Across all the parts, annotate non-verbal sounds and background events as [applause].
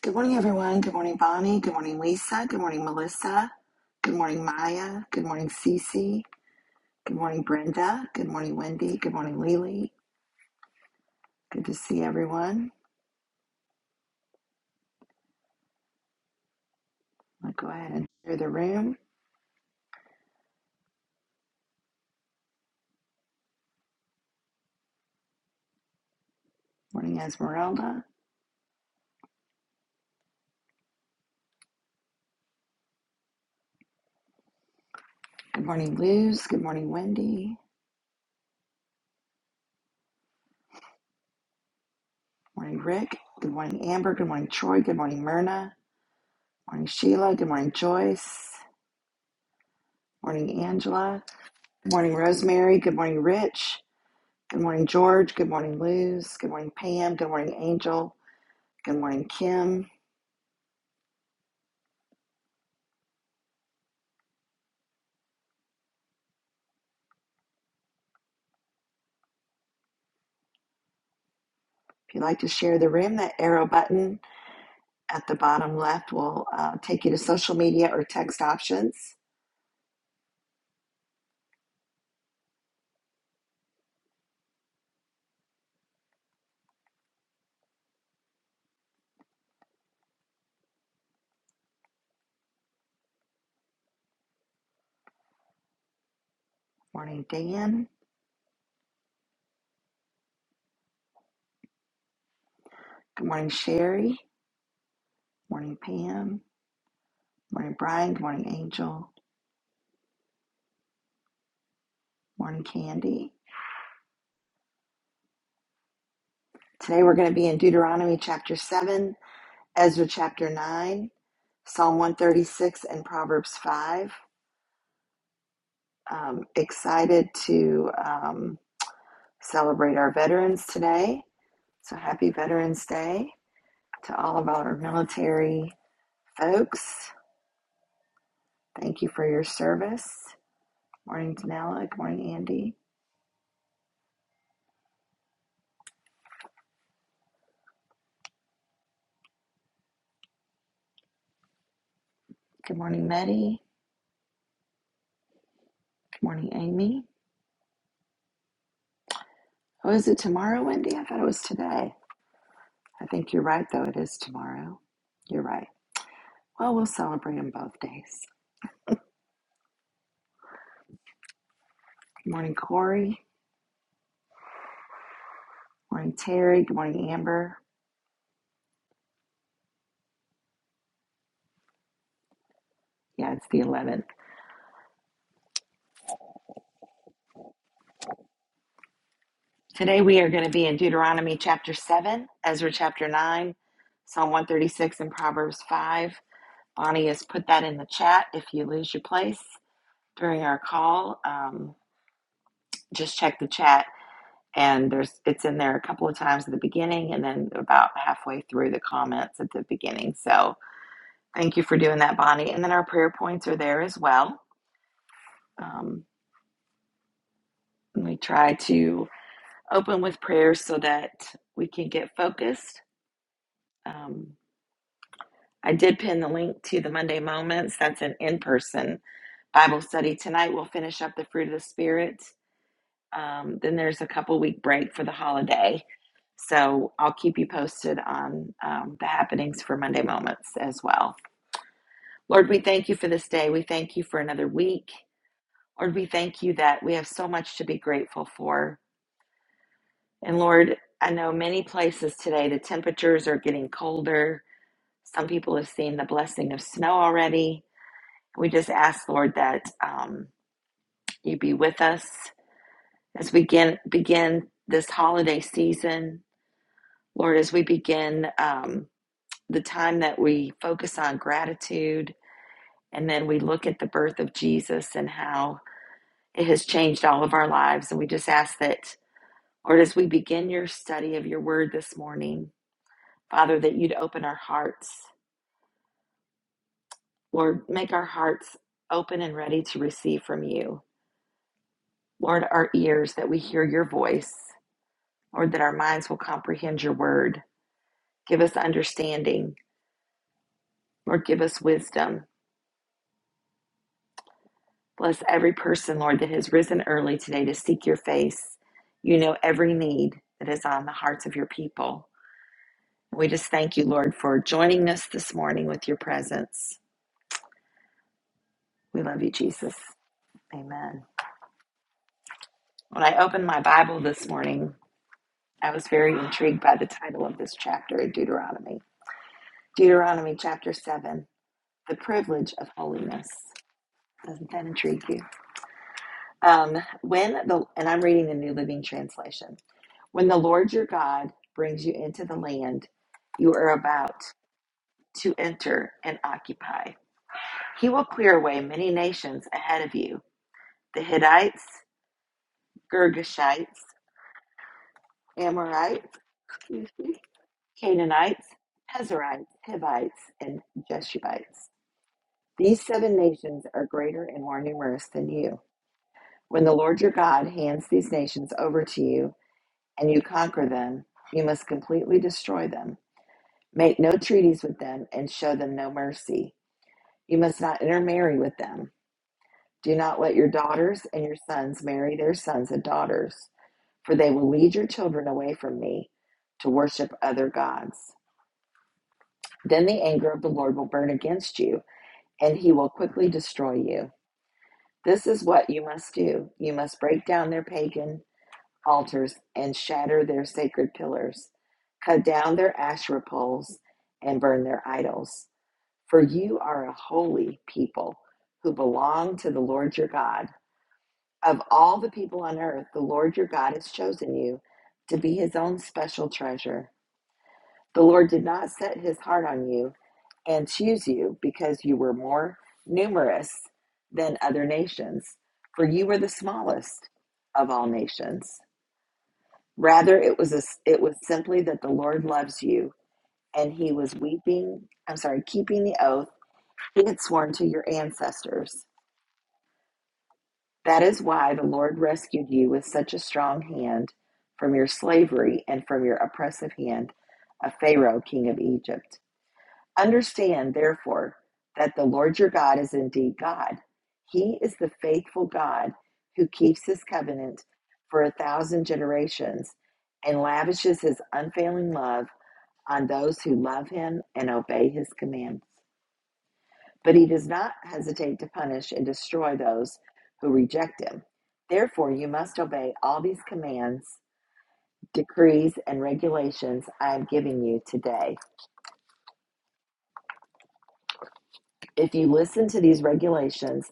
Good morning, everyone. Good morning, Bonnie. Good morning, Lisa. Good morning, Melissa. Good morning, Maya. Good morning, Cece. Good morning, Brenda. Good morning, Wendy. Good morning, Lily. Good to see everyone. I'll go ahead and share the room. Morning, Esmeralda. Good morning, Luz. Good morning, Wendy. Morning, Rick. Good morning, Amber. Good morning, Troy. Good morning, Myrna. Morning, Sheila. Good morning, Joyce. Morning, Angela. Good morning, Rosemary. Good morning, Rich. Good morning, George. Good morning, Luz. Good morning, Pam. Good morning, Angel. Good morning, Kim. If you'd like to share the room, that arrow button at the bottom left will uh, take you to social media or text options. Morning, Dan. Good morning, Sherry. Morning, Pam. Morning, Brian. Good morning, Angel. Morning, Candy. Today we're going to be in Deuteronomy chapter 7, Ezra chapter 9, Psalm 136, and Proverbs 5. Um, excited to um, celebrate our veterans today. So happy Veterans Day. to all of our military folks. Thank you for your service. Morning, Danella. Good morning, Andy. Good morning, Meddy. Good morning, Amy. Oh, is it tomorrow, Wendy? I thought it was today. I think you're right, though. It is tomorrow. You're right. Well, we'll celebrate them both days. Good morning, Corey. Good Morning, Terry. Good morning, Amber. Yeah, it's the 11th. Today we are going to be in Deuteronomy chapter 7, Ezra chapter 9, Psalm 136, and Proverbs 5. Bonnie has put that in the chat. If you lose your place during our call, um, just check the chat. And there's it's in there a couple of times at the beginning and then about halfway through the comments at the beginning. So thank you for doing that, Bonnie. And then our prayer points are there as well. Um, we try to open with prayers so that we can get focused. Um, I did pin the link to the Monday Moments. That's an in person Bible study. Tonight we'll finish up the fruit of the Spirit Um, then there's a couple week break for the holiday. So I'll keep you posted on um, the happenings for Monday Moments as well. Lord, we thank you for this day. We thank you for another week. Lord, we thank you that we have so much to be grateful for. And Lord, I know many places today the temperatures are getting colder. Some people have seen the blessing of snow already. We just ask, Lord, that um, you be with us as we begin, begin this holiday season. Lord, as we begin um, the time that we focus on gratitude and then we look at the birth of Jesus and how it has changed all of our lives. And we just ask that, Lord, as we begin your study of your word this morning, Father, that you'd open our hearts. Lord, make our hearts open and ready to receive from you. Lord, our ears that we hear your voice. Lord, that our minds will comprehend your word. Give us understanding. Lord, give us wisdom. Bless every person, Lord, that has risen early today to seek your face. You know every need that is on the hearts of your people. We just thank you, Lord, for joining us this morning with your presence. We love you, Jesus. Amen. When I opened my Bible this morning, I was very intrigued by the title of this chapter in Deuteronomy. Deuteronomy chapter 7, the privilege of holiness. Doesn't that intrigue you? Um, when the and I'm reading the New Living Translation. When the Lord your God brings you into the land you are about to enter and occupy, he will clear away many nations ahead of you the Hittites, Girgashites, Amorites, excuse me, Canaanites, Pezerites, Hivites, and Jeshubites. These seven nations are greater and more numerous than you. When the Lord your God hands these nations over to you and you conquer them, you must completely destroy them Make no treaties with them and show them no mercy. You must not intermarry with them. Do not let your daughters and your sons marry their sons and daughters, for they will lead your children away from me to worship other gods. Then the anger of the Lord will burn against you, and he will quickly destroy you. This is what you must do. You must break down their pagan altars and shatter their sacred pillars, cut down their Asherah poles, and burn their idols. For you are a holy people who belong to the Lord your God. Of all the people on earth, the Lord your God has chosen you to be his own special treasure. The Lord did not set his heart on you and choose you because you were more numerous than other nations, for you were the smallest of all nations. Rather, it was a, it was simply that the Lord loves you, and He was weeping. I'm sorry, keeping the oath He had sworn to your ancestors. That is why the Lord rescued you with such a strong hand from your slavery and from your oppressive hand of Pharaoh, king of Egypt. Understand, therefore, that the Lord your God is indeed God. He is the faithful God who keeps his covenant for a thousand generations and lavishes his unfailing love on those who love him and obey his commands. But he does not hesitate to punish and destroy those who reject him. Therefore, you must obey all these commands, decrees, and regulations I am giving you today. If you listen to these regulations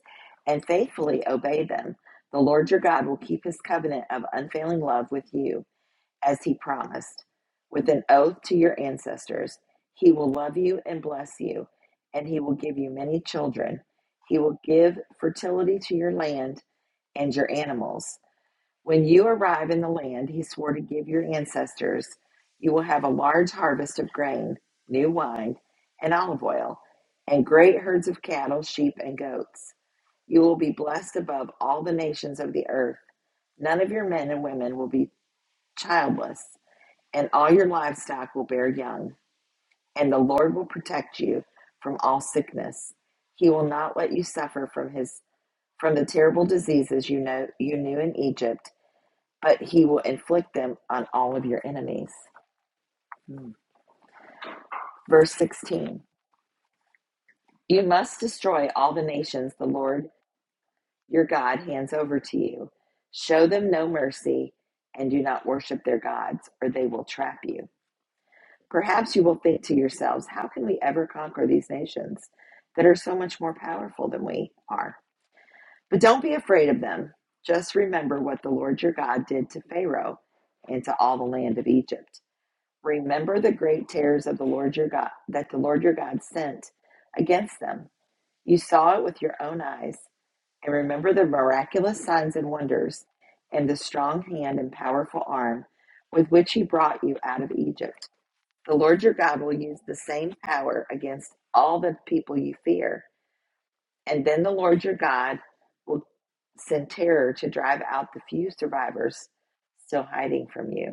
and faithfully obey them, the Lord your God will keep his covenant of unfailing love with you, as he promised, with an oath to your ancestors. He will love you and bless you, and he will give you many children. He will give fertility to your land and your animals. When you arrive in the land he swore to give your ancestors, you will have a large harvest of grain, new wine, and olive oil, and great herds of cattle, sheep, and goats. You will be blessed above all the nations of the earth. None of your men and women will be childless, and all your livestock will bear young. And the Lord will protect you from all sickness. He will not let you suffer from his from the terrible diseases you know you knew in Egypt but he will inflict them on all of your enemies. Mm. Verse 16 You must destroy all the nations the Lord your God hands over to you. Show them no mercy and do not worship their gods, or they will trap you. Perhaps you will think to yourselves, How can we ever conquer these nations that are so much more powerful than we are? But don't be afraid of them. Just remember what the Lord your God did to Pharaoh and to all the land of Egypt. Remember the great terrors of the Lord your God that the Lord your God sent against them. You saw it with your own eyes, and remember the miraculous signs and wonders, and the strong hand and powerful arm with which he brought you out of Egypt. The Lord your God will use the same power against all the people you fear, and then the Lord your God will send terror to drive out the few survivors still hiding from you.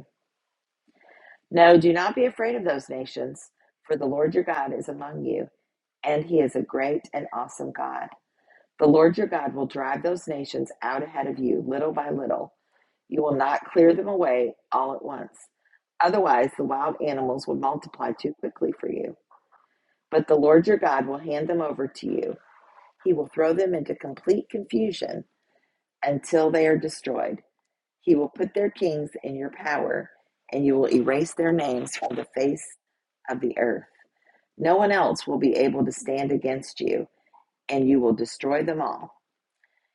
No, do not be afraid of those nations, for the Lord your God is among you, and he is a great and awesome God. The Lord your God will drive those nations out ahead of you, little by little. You will not clear them away all at once. Otherwise, the wild animals will multiply too quickly for you. But the Lord your God will hand them over to you. He will throw them into complete confusion until they are destroyed. He will put their kings in your power, and you will erase their names from the face of the earth. No one else will be able to stand against you, and you will destroy them all.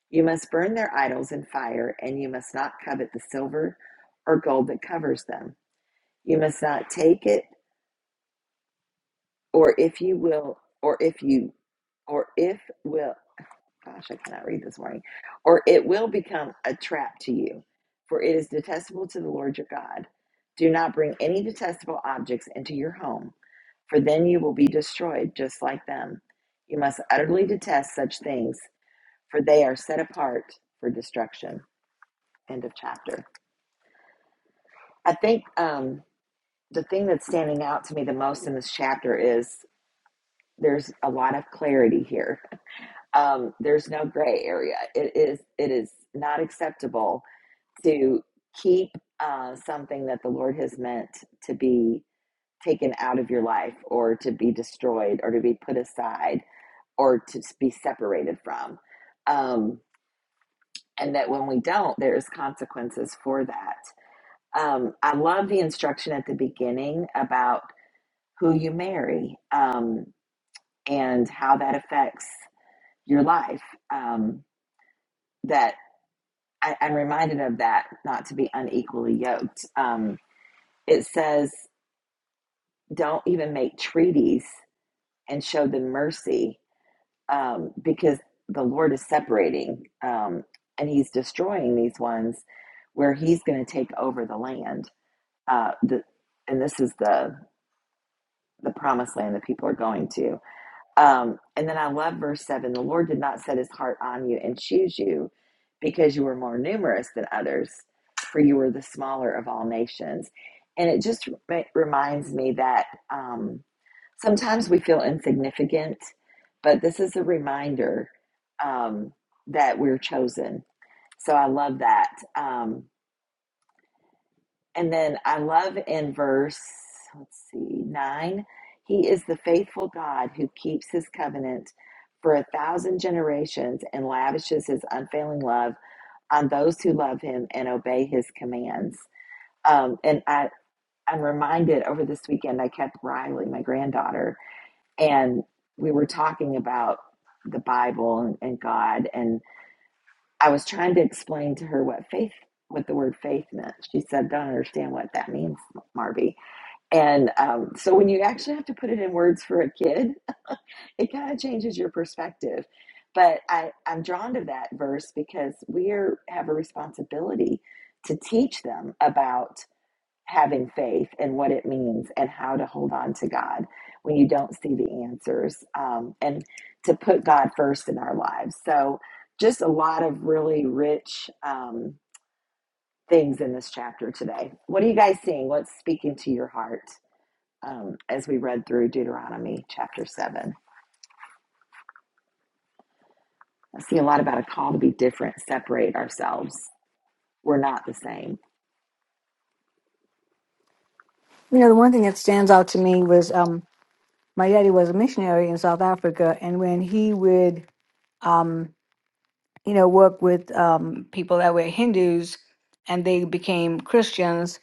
You must burn their idols in fire, and you must not covet the silver or gold that covers them. You must not take it, or if you will, or if you, or if will, gosh, I cannot read this morning. Or it will become a trap to you, for it is detestable to the Lord your God. Do not bring any detestable objects into your home, for then you will be destroyed just like them. You must utterly detest such things, for they are set apart for destruction. End of chapter. I think um, the thing that's standing out to me the most in this chapter is there's a lot of clarity here um, there's no gray area. It is it is not acceptable to keep uh, something that the Lord has meant to be taken out of your life, or to be destroyed, or to be put aside, or to be separated from. Um, and that when we don't, there's consequences for that. Um, I love the instruction at the beginning about who you marry um, and how that affects your life. Um, that I, I'm reminded of that, not to be unequally yoked. Um, it says, don't even make treaties and show them mercy um, because the Lord is separating um, and he's destroying these ones where he's going to take over the land. Uh, the, and this is the, the promised land that people are going to. Um, and then I love verse 7 the Lord did not set his heart on you and choose you because you were more numerous than others, for you were the smaller of all nations. And it just re- reminds me that um, sometimes we feel insignificant, but this is a reminder um, that we're chosen. So I love that. Um, and then I love in verse, let's see, nine, he is the faithful God who keeps his covenant for a thousand generations and lavishes his unfailing love on those who love him and obey his commands. Um, and I, I'm reminded over this weekend, I kept Riley, my granddaughter, and we were talking about the Bible and, and God. And I was trying to explain to her what faith, what the word faith meant. She said, Don't understand what that means, Marby and um, so when you actually have to put it in words for a kid, [laughs] it kind of changes your perspective. But I, I'm drawn to that verse because we are, have a responsibility to teach them about having faith and what it means and how to hold on to God when you don't see the answers um, and to put God first in our lives. So just a lot of really rich um, things in this chapter today. What are you guys seeing? What's speaking to your heart? um, as we read through Deuteronomy chapter 7. I see a lot about a call to be different, separate ourselves. We're not the same. You know, the one thing that stands out to me was um, my daddy was a missionary in South Africa, and when he would, um, you know, work with um, people that were Hindus and they became Christians,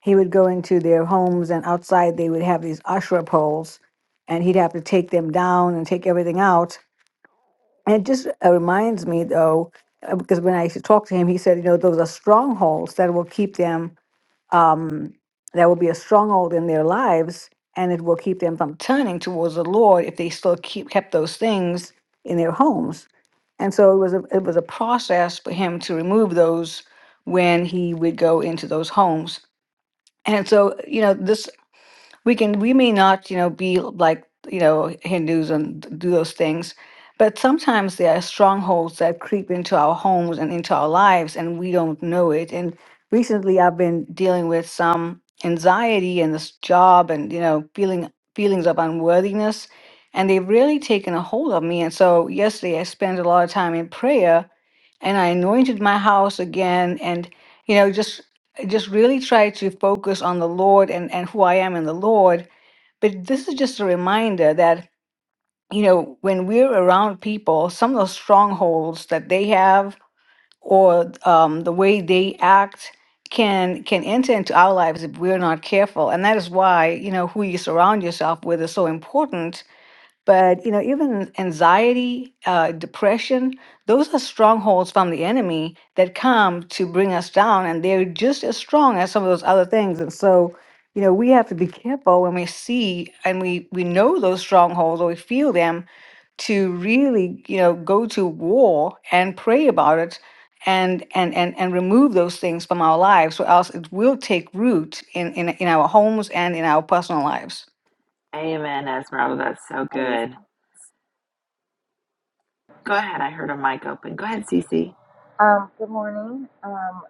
he would go into their homes and outside they would have these ashra poles, and he'd have to take them down and take everything out. And it just uh, reminds me, though, uh, because when I used to talk to him, he said, you know, those are strongholds that will keep them um, that will be a stronghold in their lives and it will keep them from turning towards the lord if they still keep kept those things in their homes and so it was a, it was a process for him to remove those when he would go into those homes and so you know this we can we may not you know be like you know hindus and do those things but sometimes there are strongholds that creep into our homes and into our lives and we don't know it and recently i've been dealing with some anxiety and this job and you know feeling feelings of unworthiness and they've really taken a hold of me and so yesterday i spent a lot of time in prayer and I anointed my house again and you know just just really try to focus on the Lord and and who I am in the Lord but this is just a reminder that you know when we're around people some of those strongholds that they have or um, the way they act can can enter into our lives if we're not careful and that is why you know who you surround yourself with is so important but you know even anxiety uh, depression those are strongholds from the enemy that come to bring us down and they're just as strong as some of those other things and so you know we have to be careful when we see and we we know those strongholds or we feel them to really you know go to war and pray about it and and and, and remove those things from our lives or else it will take root in, in in our homes and in our personal lives Amen, Esmeralda. That's so good. Go ahead. I heard a mic open. Go ahead, Cece. Um, good morning. Um,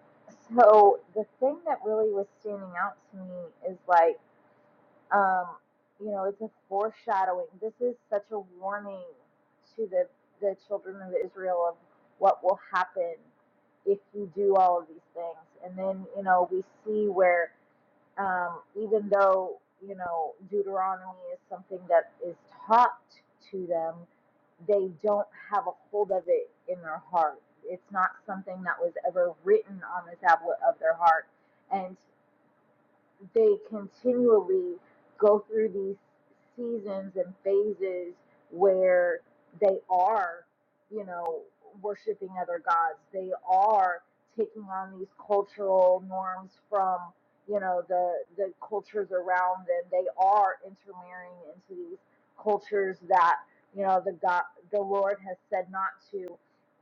so the thing that really was standing out to me is like, um, you know, it's a foreshadowing. This is such a warning to the the children of Israel of what will happen if you do all of these things. And then, you know, we see where um, even though you know Deuteronomy is something that is taught to them, they don't have a hold of it in their heart. It's not something that was ever written on the tablet of their heart. and they continually go through these seasons and phases where they are, you know, worshiping other gods. They are taking on these cultural norms from, you know, the the cultures around them. They are intermarrying into these cultures that, you know, the God the Lord has said not to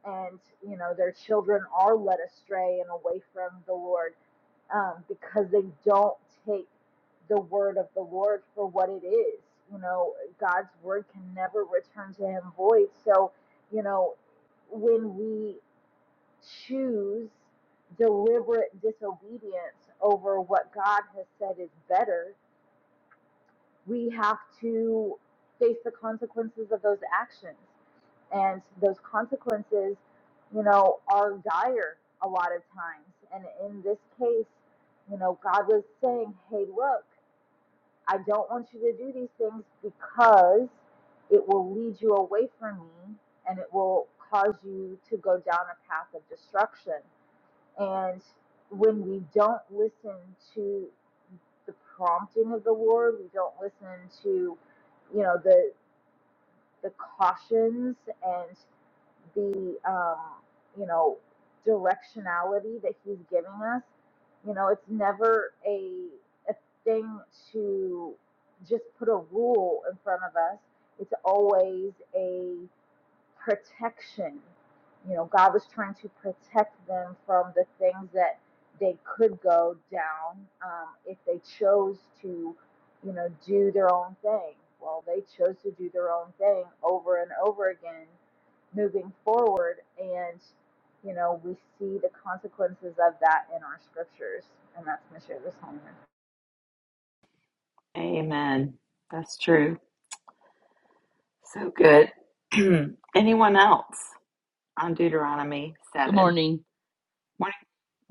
and you know their children are led astray and away from the Lord um, because they don't take the word of the Lord for what it is. You know, God's word can never return to him void. So, you know, when we choose deliberate disobedience over what God has said is better, we have to face the consequences of those actions and those consequences, you know, are dire a lot of times. And in this case, you know, God was saying, "Hey, look, I don't want you to do these things because it will lead you away from me and it will cause you to go down a path of destruction." And when we don't listen to the prompting of the Lord, we don't listen to, you know, the the cautions and the um, you know directionality that he's giving us you know it's never a a thing to just put a rule in front of us it's always a protection. You know, God was trying to protect them from the things that they could go down um, if they chose to, you know, do their own thing. Well, they chose to do their own thing over and over again, moving forward, and you know, we see the consequences of that in our scriptures, and that's my share this morning. Amen. That's true. So good. [clears throat] Anyone else on Deuteronomy Good 7? morning. Morning,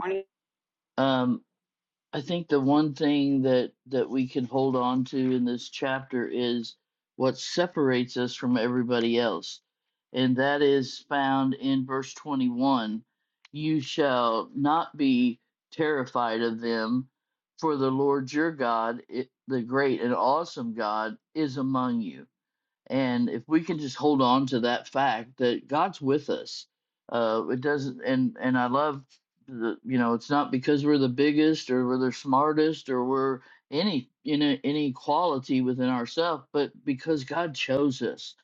morning. Um, I think the one thing that that we can hold on to in this chapter is what separates us from everybody else, and that is found in verse 21. You shall not be terrified of them, for the Lord your God, i- the great and awesome God, is among you And if we can just hold on to that fact that God's with us, uh, it doesn't. And and I love the you know it's not because we're the biggest or we're the smartest or we're any you know any quality within ourselves, but because God chose us,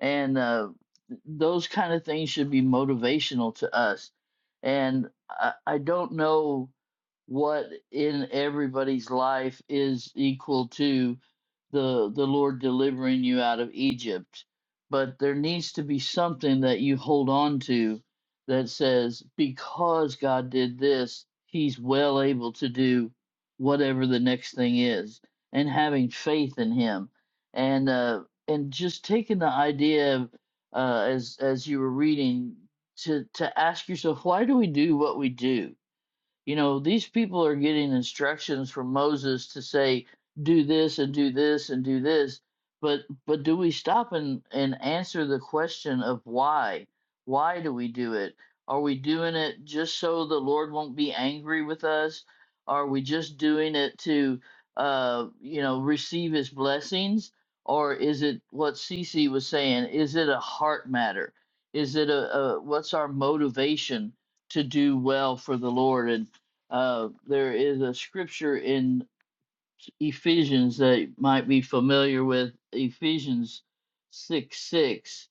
and uh, those kind of things should be motivational to us. And I, I don't know what in everybody's life is equal to the the Lord delivering you out of Egypt. But there needs to be something that you hold on to that says, because God did this, He's well able to do whatever the next thing is, and having faith in Him, and uh, and just taking the idea of uh, as as you were reading to to ask yourself, why do we do what we do? You know, these people are getting instructions from Moses to say, do this and do this and do this. But but do we stop and, and answer the question of why? Why do we do it? Are we doing it just so the Lord won't be angry with us? Are we just doing it to uh you know receive his blessings? Or is it what Cece was saying? Is it a heart matter? Is it a, a what's our motivation to do well for the Lord? And uh, there is a scripture in Ephesians that you might be familiar with, Ephesians 6 6.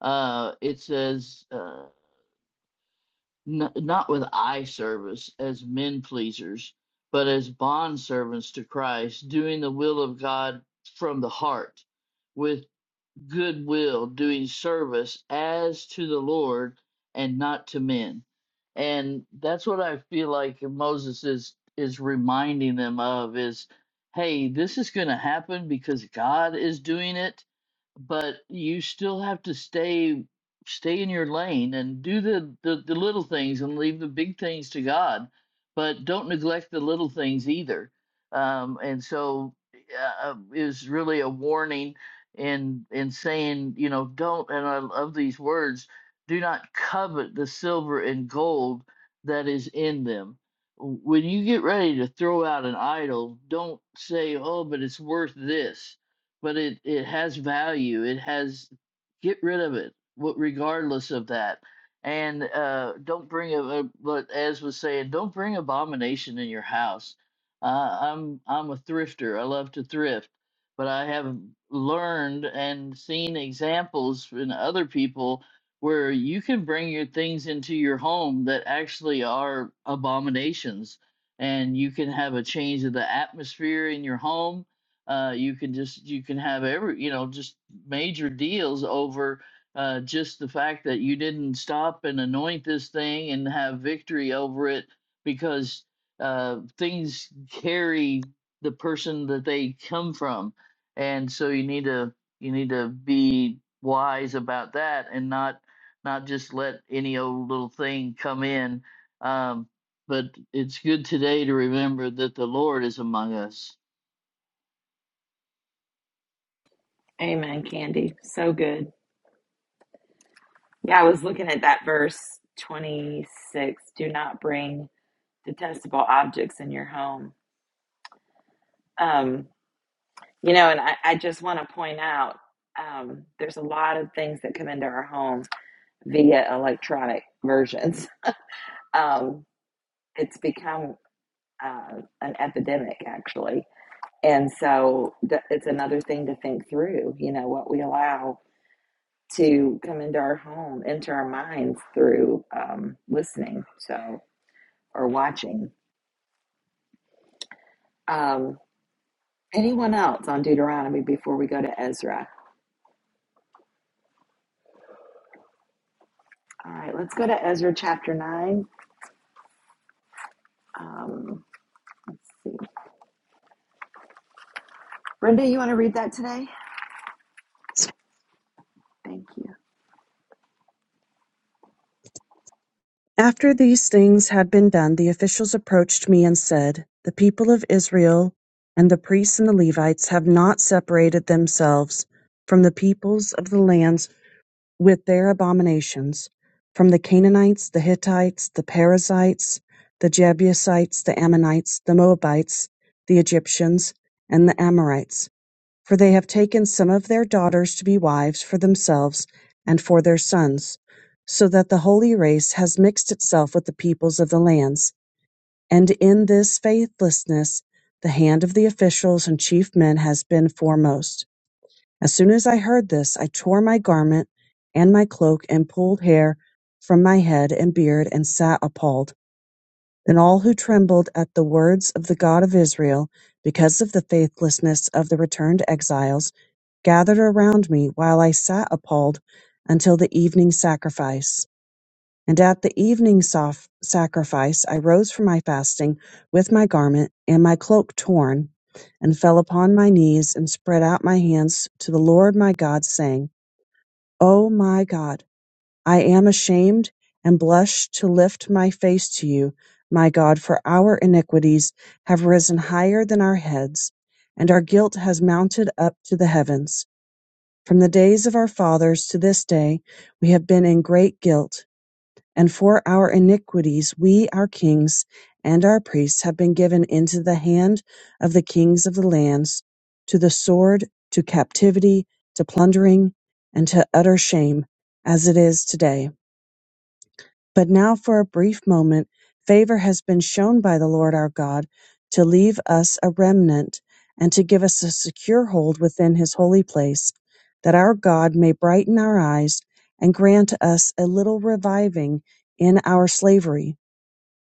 Uh, it says, uh, n- not with eye service as men pleasers, but as bond servants to Christ, doing the will of God from the heart With goodwill, doing service as to the Lord and not to men. And that's what I feel like Moses is is reminding them of is hey, this is going to happen because God is doing it but you still have to stay stay in your lane and do the, the the little things and leave the big things to God, but don't neglect the little things either. Um, and so uh, um, is really a warning in in saying you know don't and I love these words do not covet the silver and gold that is in them. When you get ready to throw out an idol, don't say, "Oh, but it's worth this." but it it has value it has get rid of it wh- regardless of that and uh don't bring a, a but as was saying don't bring abomination in your house uh, i'm i'm a thrifter i love to thrift but i have learned and seen examples in other people where you can bring your things into your home that actually are abominations and you can have a change of the atmosphere in your home uh, you can just you can have every you know just major deals over uh, just the fact that you didn't stop and anoint this thing and have victory over it because uh, things carry the person that they come from, and so you need to you need to be wise about that and not not just let any old little thing come in. Um, but it's good today to remember that the Lord is among us Amen, Candy. So good. Yeah, I was looking at that verse 26. Do not bring detestable objects in your home. Um, You know, and I, I just want to point out um, there's a lot of things that come into our home via electronic versions. [laughs] Um, it's become uh, an epidemic, actually. And so th- it's another thing to think through, you know, what we allow to come into our home, into our minds through um, listening, so, or watching. Um, anyone else on Deuteronomy before we go to Ezra? All right, let's go to Ezra chapter 9. Um, Let's see. Brenda, you want to read that today? Thank you. After these things had been done, the officials approached me and said, The people of Israel and the priests and the Levites have not separated themselves from the peoples of the lands with their abominations, from the Canaanites, the Hittites, the Perizzites, the Jebusites, the Ammonites, the Moabites, the Egyptians, and the Amorites. For they have taken some of their daughters to be wives for themselves and for their sons, so that the holy race has mixed itself with the peoples of the lands. And in this faithlessness, the hand of the officials and chief men has been foremost. As soon as I heard this, I tore my garment and my cloak and pulled hair from my head and beard and sat appalled. Then all who trembled at the words of the God of Israel, because of the faithlessness of the returned exiles, gathered around me while I sat appalled until the evening sacrifice. And at the evening sof- sacrifice I rose from my fasting with my garment and my cloak torn, and fell upon my knees and spread out my hands to the Lord my God, saying, O my God, I am ashamed and blush to lift my face to you, my God, for our iniquities have risen higher than our heads, and our guilt has mounted up to the heavens. From the days of our fathers to this day, we have been in great guilt, and for our iniquities, we, our kings and our priests, have been given into the hand of the kings of the lands, to the sword, to captivity, to plundering, and to utter shame, as it is today. But now for a brief moment favor has been shown by the Lord our God to leave us a remnant and to give us a secure hold within his holy place, that our God may brighten our eyes and grant us a little reviving in our slavery.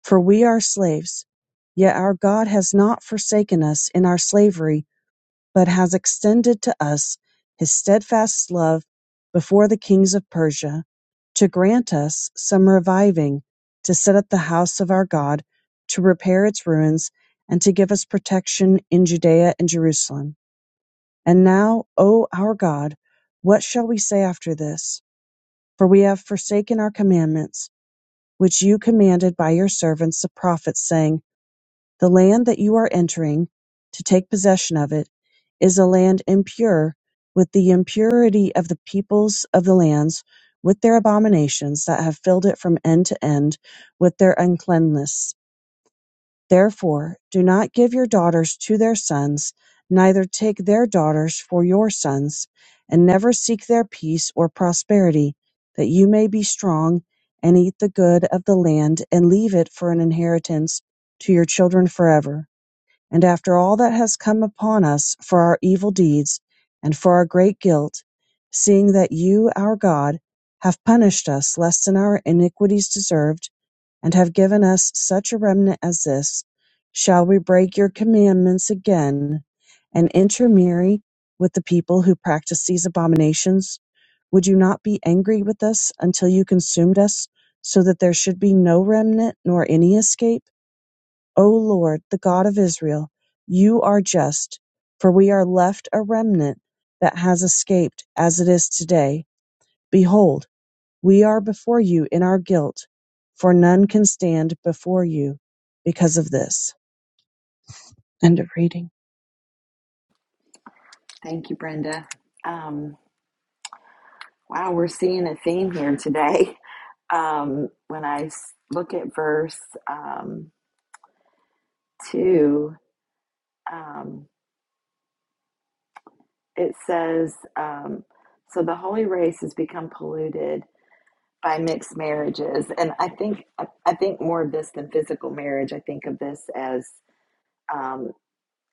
For we are slaves, yet our God has not forsaken us in our slavery but has extended to us his steadfast love before the kings of Persia, to grant us some reviving, to set up the house of our God, to repair its ruins, and to give us protection in Judea and Jerusalem. And now, O our God, what shall we say after this? For we have forsaken our commandments, which you commanded by your servants the prophets, saying, the land that you are entering, to take possession of it, is a land impure with the impurity of the peoples of the lands, with their abominations that have filled it from end to end, with their uncleanness. Therefore, do not give your daughters to their sons, neither take their daughters for your sons, and never seek their peace or prosperity, that you may be strong and eat the good of the land and leave it for an inheritance to your children forever. And after all that has come upon us for our evil deeds and for our great guilt, seeing that you, our God, have punished us less than our iniquities deserved, and have given us such a remnant as this, shall we break your commandments again and intermarry with the people who practice these abominations? Would you not be angry with us until you consumed us, so that there should be no remnant nor any escape? O Lord, the God of Israel, you are just, for we are left a remnant that has escaped as it is today. Behold, we are before you in our guilt, for none can stand before you because of this. End of reading. Thank you, Brenda. Um, wow, we're seeing a theme here today. [laughs] Um, when I s- look at verse um, 2, um, it says, um, So the holy race has become polluted by mixed marriages. And I think, I, I think more of this than physical marriage, I think of this as um,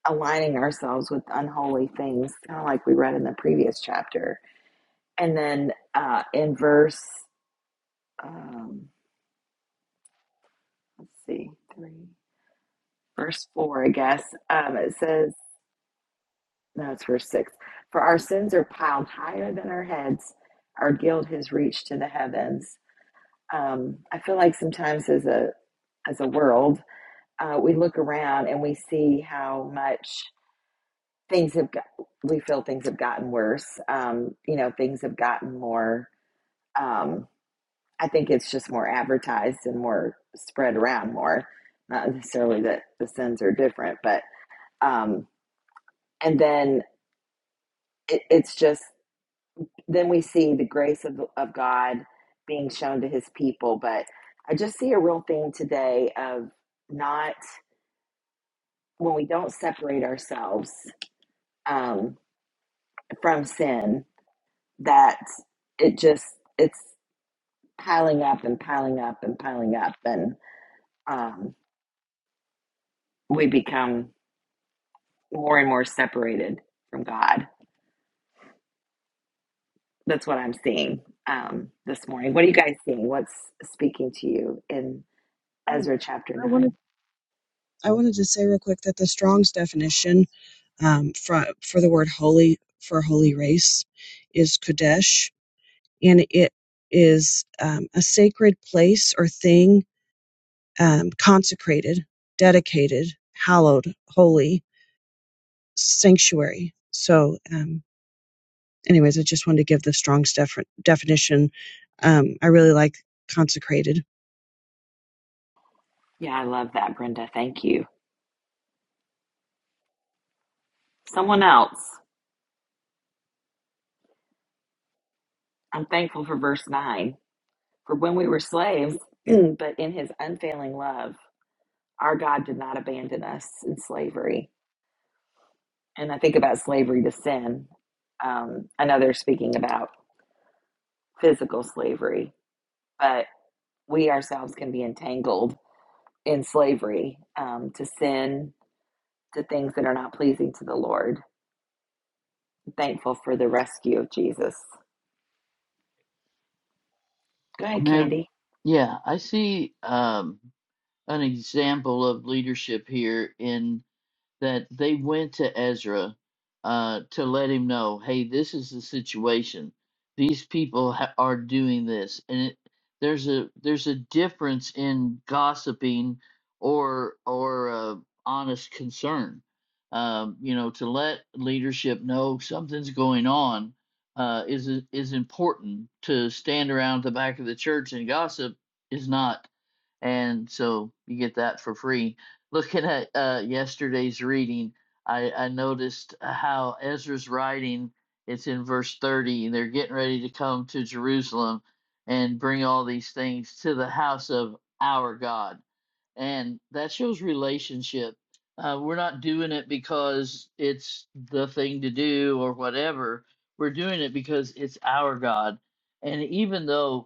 aligning ourselves with unholy things, kind of like we read in the previous chapter And then uh, in verse, um, let's see, three, verse four, I guess, um, it says, no, it's verse six. For our sins are piled higher than our heads, our guilt has reached to the heavens. Um, I feel like sometimes as a as a world, uh, we look around and we see how much things have got, we feel things have gotten worse. Um, you know, things have gotten more. Um, I think it's just more advertised and more spread around more. Not necessarily that the sins are different, but um, and then it, it's just then we see the grace of of God being shown to His people. But I just see a real thing today of not when we don't separate ourselves um, from sin that it just it's piling up and piling up and piling up and um, we become more and more separated from God. That's what I'm seeing um, this morning. What are you guys seeing? What's speaking to you in Um, Ezra chapter I wanted 9? I wanted to say real quick that the Strong's definition um, for for the word holy for holy race is kodesh, and it is um, a sacred place or thing um, consecrated, dedicated, hallowed, holy sanctuary. So, um, anyways, I just wanted to give the Strong's def- definition. Um, I really like consecrated. Yeah, I love that, Brenda. Thank you. Someone else. I'm thankful for verse 9. For when we were slaves, [clears throat] but in his unfailing love, our God did not abandon us in slavery. And I think about slavery to sin. Um, are speaking about. physical slavery, but we ourselves can be entangled in slavery um, to sin, to things that are not pleasing to the Lord. I'm thankful for the rescue of Jesus. Go ahead, Mary, Candy. yeah, I see um, an example of leadership here in that they went to Ezra uh, to let him know, hey, this is the situation. These people ha- are doing this, and it, there's a there's a difference in gossiping or or uh, honest concern. Um, you know, to let leadership know something's going on uh, is is important. To stand around the back of the church and gossip is not and so you get that for free. Looking at uh, yesterday's reading, I, I noticed uh, how Ezra's writing. It's in verse thirty. They're getting ready to come to Jerusalem and bring all these things to the house of our God, and that shows relationship. Uh, we're not doing it because it's the thing to do or whatever. We're doing it because it's our God, and even though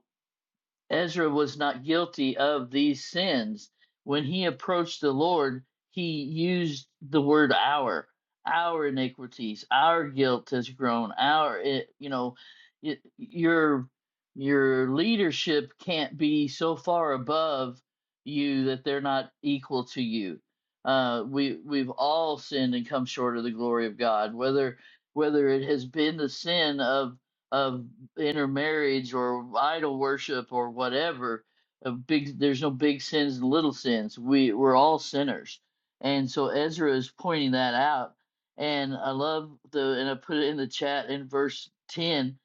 Ezra was not guilty of these sins. When he approached the Lord, he used the word our, our iniquities, our guilt has grown, our, it, you know, it, your your leadership can't be so far above you that they're not equal to you. Uh, we we've all sinned and come short of the glory of God. Whether whether it has been the sin of of intermarriage or idol worship or whatever a big there's no big sins and little sins we we're all sinners and so ezra is pointing that out and i love the and i put it in the chat in verse 10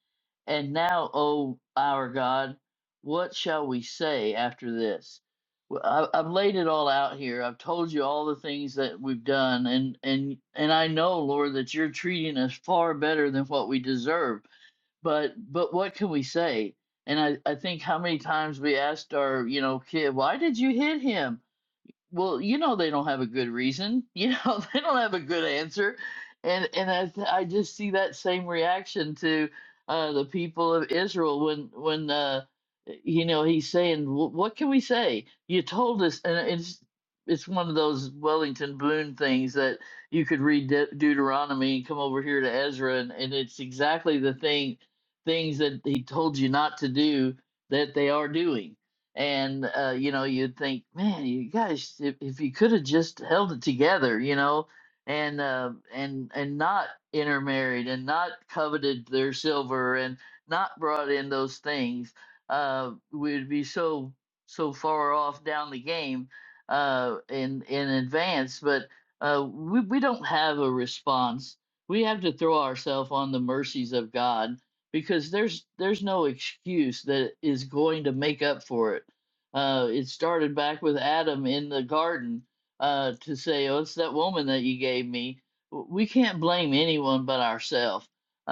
and now o our god what shall we say after this Well, I- I've laid it all out here. I've told you all the things that we've done, and and and I know, Lord, that you're treating us far better than what we deserve but but what can we say? And I, I think how many times we asked our you know kid, why did you hit him? well, you know they don't have a good reason. You know [laughs] they don't have a good answer, and and I th- I just see that same reaction to uh, the people of Israel when when uh, you know he's saying, "Wh- "What can we say? You told us," and it's it's one of those Wellington Boone things that you could read De- Deuteronomy and come over here to Ezra, and, and it's exactly the thing things that he told you not to do that they are doing and uh, you know you'd think man you guys if, if you could have just held it together you know and uh, and and not intermarried and not coveted their silver and not brought in those things uh, we'd be so so far off down the game uh, in in advance but uh, we, we don't have a response we have to throw ourselves on the mercies of god because there's there's no excuse that is going to make up for it. Uh, it started back with Adam in the garden uh, to say, "Oh, it's that woman that you gave me." W- We can't blame anyone but ourselves. Uh,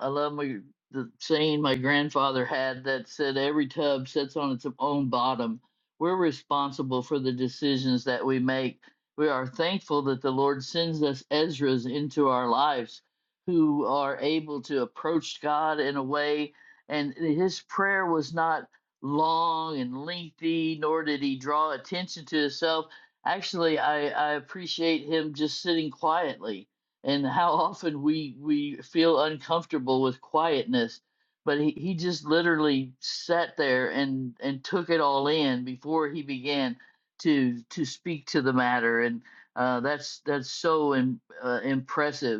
I I love my the saying my grandfather had that said, "Every tub sits on its own bottom." We're responsible for the decisions that we make. We are thankful that the Lord sends us Ezras into our lives who are able to approach God in a way. And his prayer was not long and lengthy, nor did he draw attention to himself. Actually, I, I appreciate him just sitting quietly and how often we, we feel uncomfortable with quietness. But he, he just literally sat there and, and took it all in before he began to to speak to the matter. And uh, that's that's so im- uh, impressive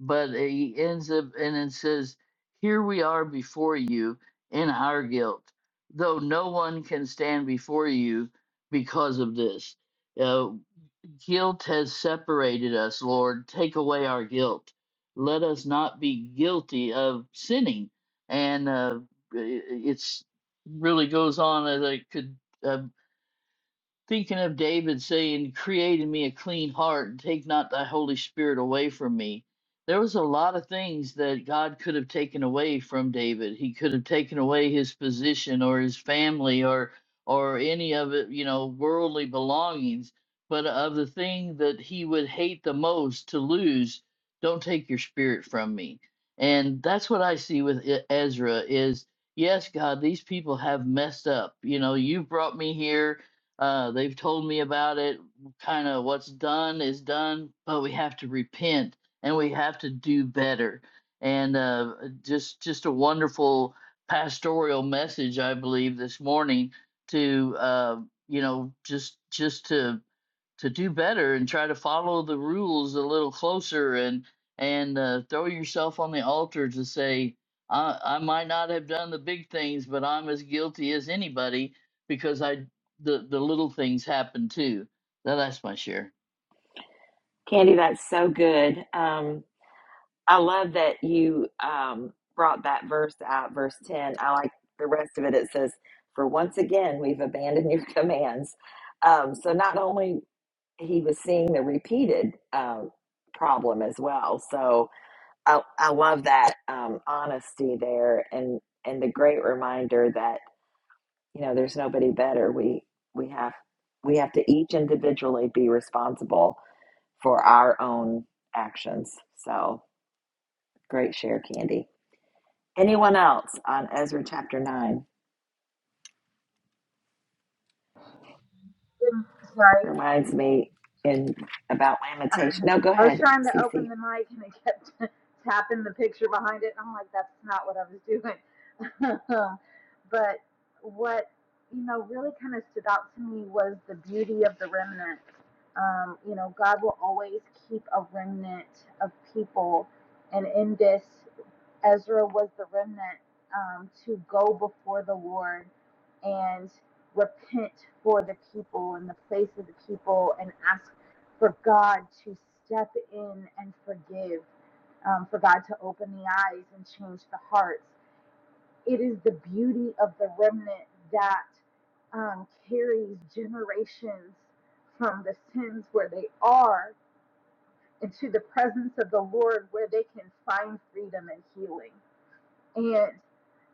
but he ends up and it says, Here we are before you in our guilt, though no one can stand before you because of this. Uh, guilt has separated us, Lord. Take away our guilt. Let us not be guilty of sinning. And uh, it- it's really goes on as I could. uh, Thinking of David saying, Create in me a clean heart and take not thy Holy Spirit away from me, there was a lot of things that God could have taken away from David. He could have taken away his position or his family or or any of it, you know, worldly belongings. But of the thing that he would hate the most to lose, don't take your spirit from me. And that's what I see with E- Ezra is yes, God, these people have messed up. You know, you brought me here uh, they've told me about it. Kind of what's done is done, but we have to repent and we have to do better. And uh, just just a wonderful pastoral message, I believe, this morning to uh, you know just just to to do better and try to follow the rules a little closer and and uh, throw yourself on the altar to say I, I might not have done the big things but i'm as guilty as anybody because i the, the little things happen too now that's my share Candy, that's so good. Um, I love that you um, brought that verse out, verse 10. I like the rest of it. It says, For once again, we've abandoned your [laughs] commands. Um, so not only he was seeing the repeated um, problem as well. So, I, I love that um, honesty there and and the great reminder that you know there's nobody better we we have we have to each individually be responsible for our own actions so great share candy anyone else on ezra chapter 9 It's like reminds me in about lamentation no go I was ahead trying to open cc the mic and it kept [laughs] tapping the picture behind it. And I'm like, that's not what I was doing. [laughs] but what, you know, really kind of stood out to me was the beauty of the remnant. Um, you know, God will always keep a remnant of people. And in this Ezra was the remnant um, to go before the Lord and repent for the people and the place of the people and ask for God to step in and forgive, um, for God to open the eyes and change the hearts. It is the beauty of the remnant that um, carries generations from the sins where they are into the presence of the Lord where they can find freedom and healing. and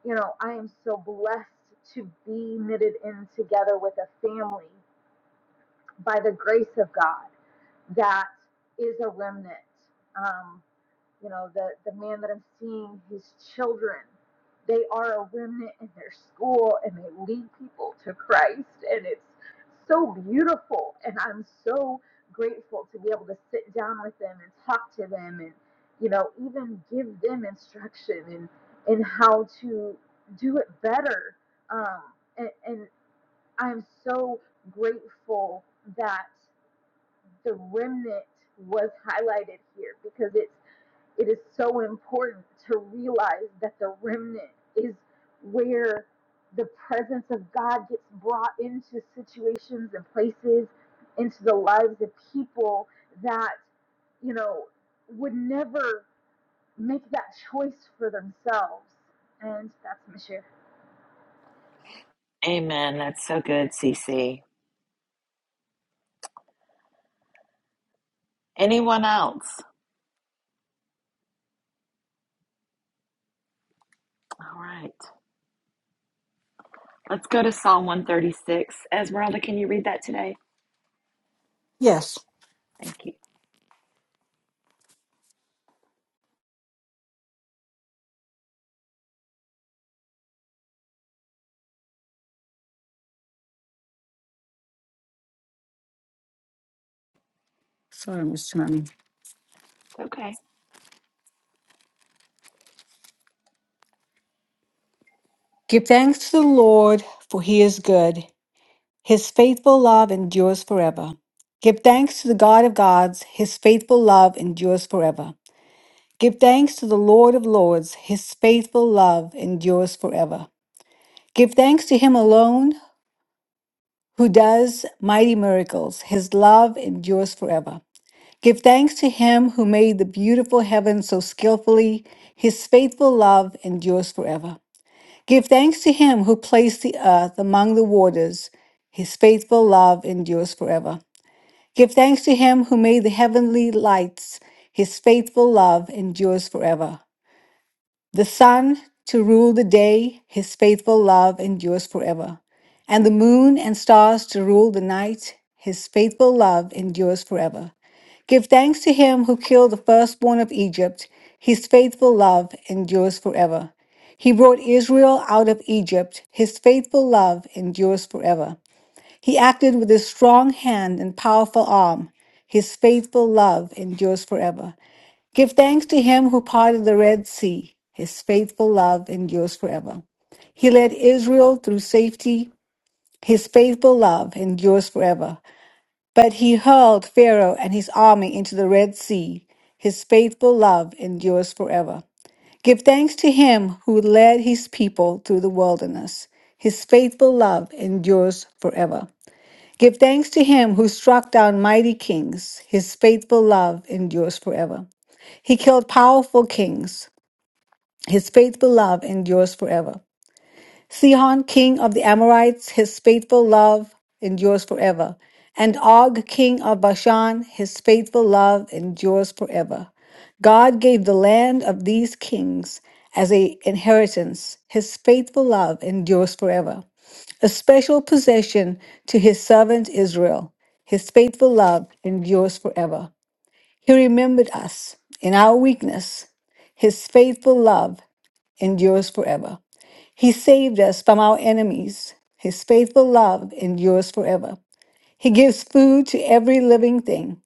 you know, I am so blessed to be knitted in together with a family by the grace of God that is a remnant. Um, you know the the man that i'm seeing his children they are a remnant in their school and they lead people to christ and it's so beautiful and i'm so grateful to be able to sit down with them and talk to them and you know even give them instruction and in in how to do it better um and, and i'm so grateful that the remnant was highlighted here because it's it is so important to realize that the remnant is where the presence of God gets brought into situations and places, into the lives of people that, you know, would never make that choice for themselves. And that's my share. amen that's so good cc anyone else all right let's go to psalm 136 esmeralda can you read that today Yes. Thank you. Sorry, Miss Johnny. It's okay. Give thanks to the Lord, for he is good. His faithful love endures forever. Give thanks to the God of gods, his faithful love endures forever. Give thanks to the Lord of lords, his faithful love endures forever. Give thanks to him alone who does mighty miracles, his love endures forever. Give thanks to him who made the beautiful heaven so skillfully, his faithful love endures forever. Give thanks to him who placed the earth among the waters. His faithful love endures forever. Give thanks to him who made the heavenly lights. His faithful love endures forever. The sun to rule the day. His faithful love endures forever. And the moon and stars to rule the night. His faithful love endures forever. Give thanks to him who killed the firstborn of Egypt. His faithful love endures forever. He brought Israel out of Egypt. His faithful love endures forever. He acted with his strong hand and powerful arm. His faithful love endures forever. Give thanks to him who parted the Red Sea. His faithful love endures forever. He led Israel through safety. His faithful love endures forever. But he hurled Pharaoh and his army into the Red Sea. His faithful love endures forever. Give thanks to him who led his people through the wilderness. His faithful love endures forever. Give thanks to him who struck down mighty kings. His faithful love endures forever. He killed powerful kings. His faithful love endures forever. Sihon, king of the Amorites, his faithful love endures forever. And Og, king of Bashan, his faithful love endures forever. God gave the land of these kings as a inheritance. His faithful love endures forever. A special possession to his servant Israel. His faithful love endures forever. He remembered us in our weakness. His faithful love endures forever. He saved us from our enemies. His faithful love endures forever. He gives food to every living thing.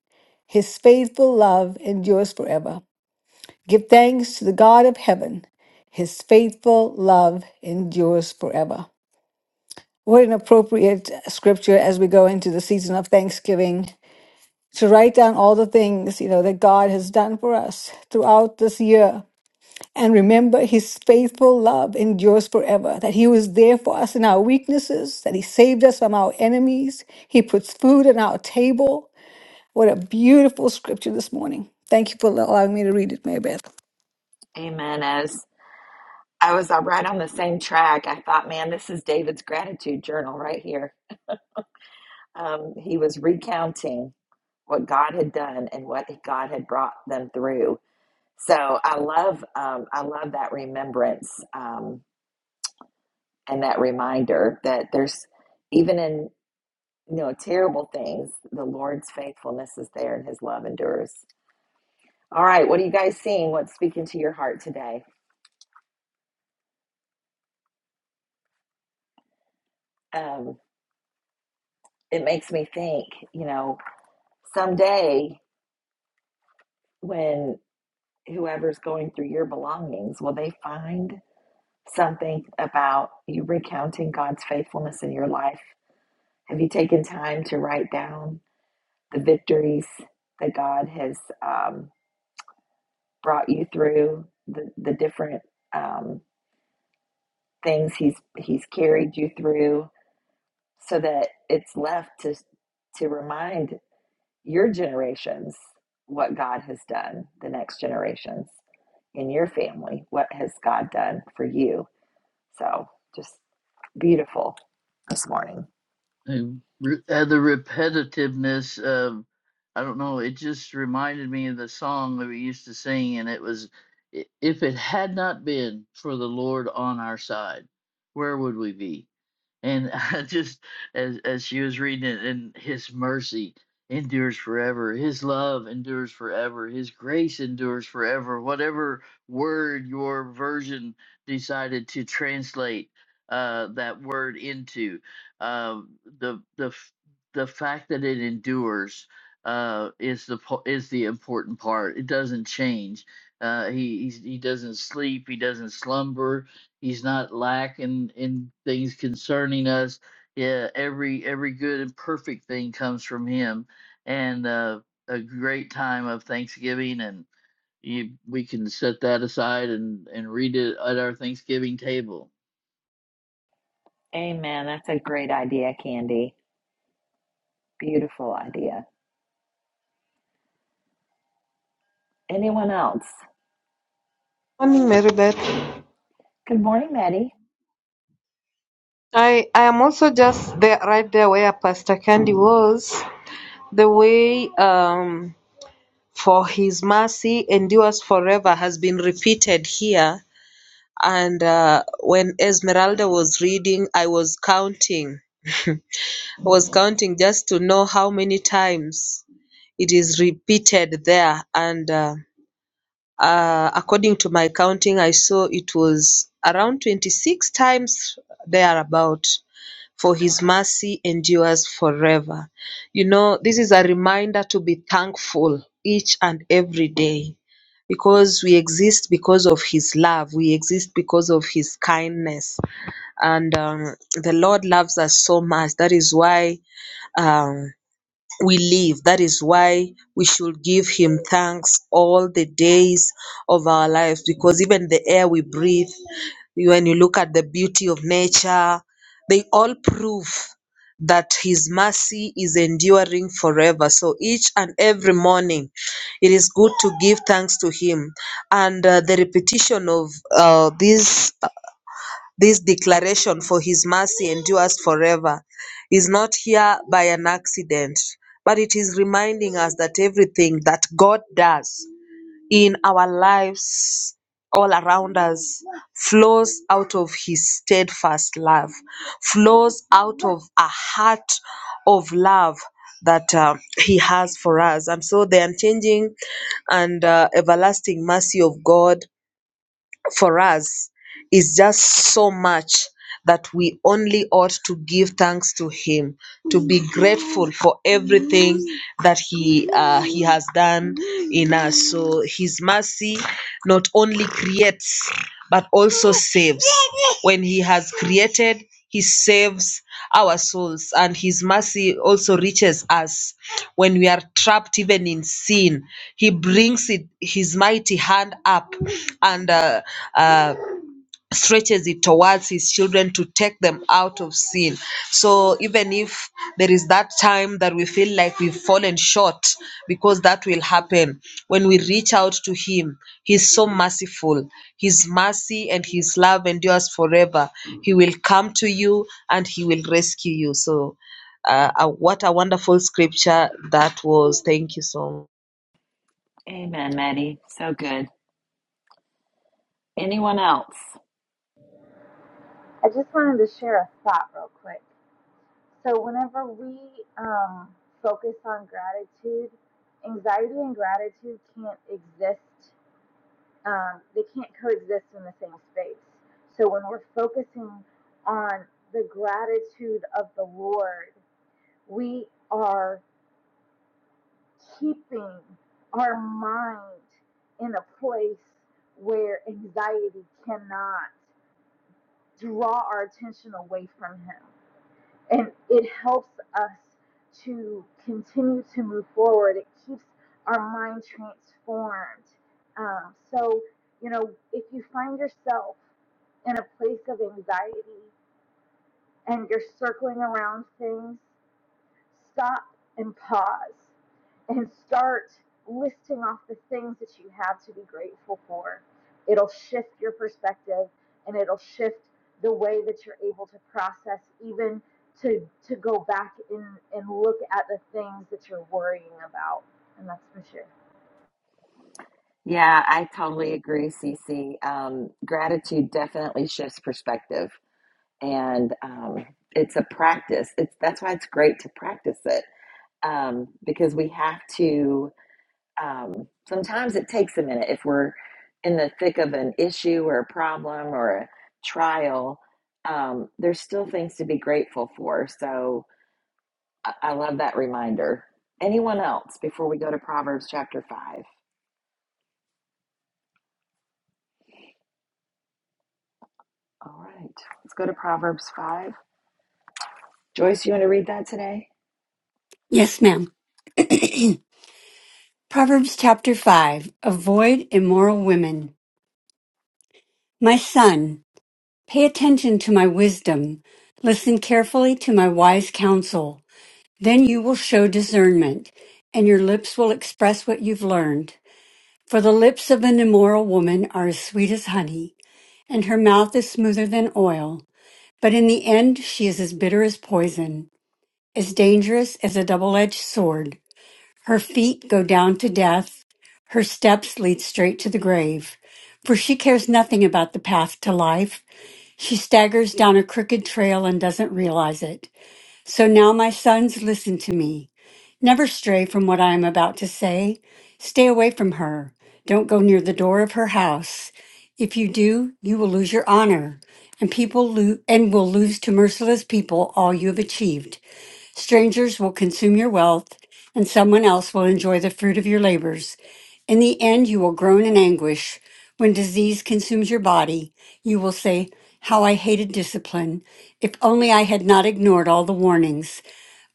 His faithful love endures forever. Give thanks to the God of heaven. His faithful love endures forever. What an appropriate scripture as we go into the season of Thanksgiving to write down all the things, you know, that God has done for us throughout this year and remember his faithful love endures forever, that he was there for us in our weaknesses, that he saved us from our enemies. He puts food on our table. What a beautiful scripture this morning. Thank you for allowing me to read it, Mary Beth. Amen. As I was uh, right on the same track, I thought, man, this is David's gratitude journal right here. Um, he was recounting what God had done and what God had brought them through. So I love, um, I love that remembrance um, and that reminder that there's even in you know terrible things, the Lord's faithfulness is there and His love endures. All right, what are you guys seeing? What's speaking to your heart today? Um, it makes me think, you know, someday when whoever's going through your belongings will they find something about you recounting god's faithfulness in your life have you taken time to write down the victories that god has um, brought you through the, the different um, things he's he's carried you through so that it's left to to remind your generations what God has done, the next generations in your family, what has God done for you. So just beautiful this morning. and re- uh, the repetitiveness of i don't know it just reminded me of the song that we used to sing and it was "I- if it had not been for the lord on our side where would we be and [laughs] I just as as she was reading it, and His mercy endures forever, His love endures forever, His grace endures forever. Whatever word your version decided to translate uh, that word into, uh, the the f- the fact that it endures uh, is the po- is the important part. It doesn't change. Uh, he he's, he doesn't sleep. He doesn't slumber He's not lacking in things concerning us. Yeah, every every good and perfect thing comes from Him, and uh, a great time of Thanksgiving, and you, we can set that aside and and read it at our Thanksgiving table. Amen. That's a great idea, Candy. Beautiful idea. Anyone else? Morning, Mary Beth. Good morning, Maddie. I, I am also just there, right there where Pastor Candy was. The way um, for His mercy endures forever has been repeated here. And uh, when Esmeralda was reading, I was counting. [laughs] I was counting just to know how many times it is repeated there. And uh, uh, according to my counting, I saw it was around 26 times thereabout. for his mercy endures forever. You know, this is a reminder to be thankful each and every day because we exist because of his love, we exist because of his kindness, and um, the Lord loves us so much. That is why. Um, we live. That is why we should give Him thanks all the days of our lives because even the air we breathe, when you look at the beauty of nature, they all prove that His mercy is enduring forever. So each and every morning, it is good to give thanks to Him. And uh, the repetition of uh, these this declaration for his mercy endures forever is not here by an accident, but it is reminding us that everything that God does in our lives, all around us, flows out of his steadfast love, flows out of a heart of love that uh, he has for us. And so the unchanging and uh, everlasting mercy of God for us is just so much that we only ought to give thanks to him to be grateful for everything that he uh, he has done in us so his mercy not only creates but also saves when He has created, He saves our souls, and His mercy also reaches us when we are trapped even in sin. He brings it, His mighty hand up and uh, uh, stretches it towards his children to take them out of sin. So even if there is that time that we feel like we've fallen short, because that will happen, when we reach out to him, he's so merciful. His mercy and his love endures forever. He will come to you and he will rescue you. So uh, uh, what a wonderful scripture that was. Thank you so much. Amen, Maddie. So good. Anyone else? I just wanted to share a thought real quick. So, whenever we um, focus on gratitude, anxiety and gratitude can't exist um, they can't coexist in the same space. So when we're focusing on the gratitude of the Lord, we are keeping our mind in a place where anxiety cannot draw our attention away from Him. And it helps us to continue to move forward, it keeps our mind transformed. Um, so, you know, if you find yourself in a place of anxiety and you're circling around things, stop and pause and start listing off the things that you have to be grateful for. It'll shift your perspective and it'll shift the way that you're able to process even to to go back and, and look at the things that you're worrying about. And that's my share. Yeah, I totally agree, Cece. Um, gratitude definitely shifts perspective, and um, it's a practice. It's that's why it's great to practice it um, because we have to. Um, sometimes it takes a minute if we're in the thick of an issue or a problem or a trial. Um, there's still things to be grateful for. So I, I love that reminder. Anyone else before we go to Proverbs chapter five? All right, let's go to Proverbs 5. Joyce, you want to read that today? Yes, ma'am. Proverbs chapter 5 Avoid immoral women. My son, pay attention to my wisdom. Listen carefully to my wise counsel. Then you will show discernment, and your lips will express what you've learned. For the lips of an immoral woman are as sweet as honey, and her mouth is smoother than oil. But in the end, she is as bitter as poison, as dangerous as a double edged sword. Her feet go down to death. Her steps lead straight to the grave. For she cares nothing about the path to life. She staggers down a crooked trail and doesn't realize it. So now, my sons, listen to me. Never stray from what I am about to say. Stay away from her. Don't go near the door of her house. If you do, you will lose your honor, and people lo- and will lose to merciless people all you have achieved. Strangers will consume your wealth, and someone else will enjoy the fruit of your labors. In the end, you will groan in anguish. When disease consumes your body, you will say, How I hated discipline. If only I had not ignored all the warnings.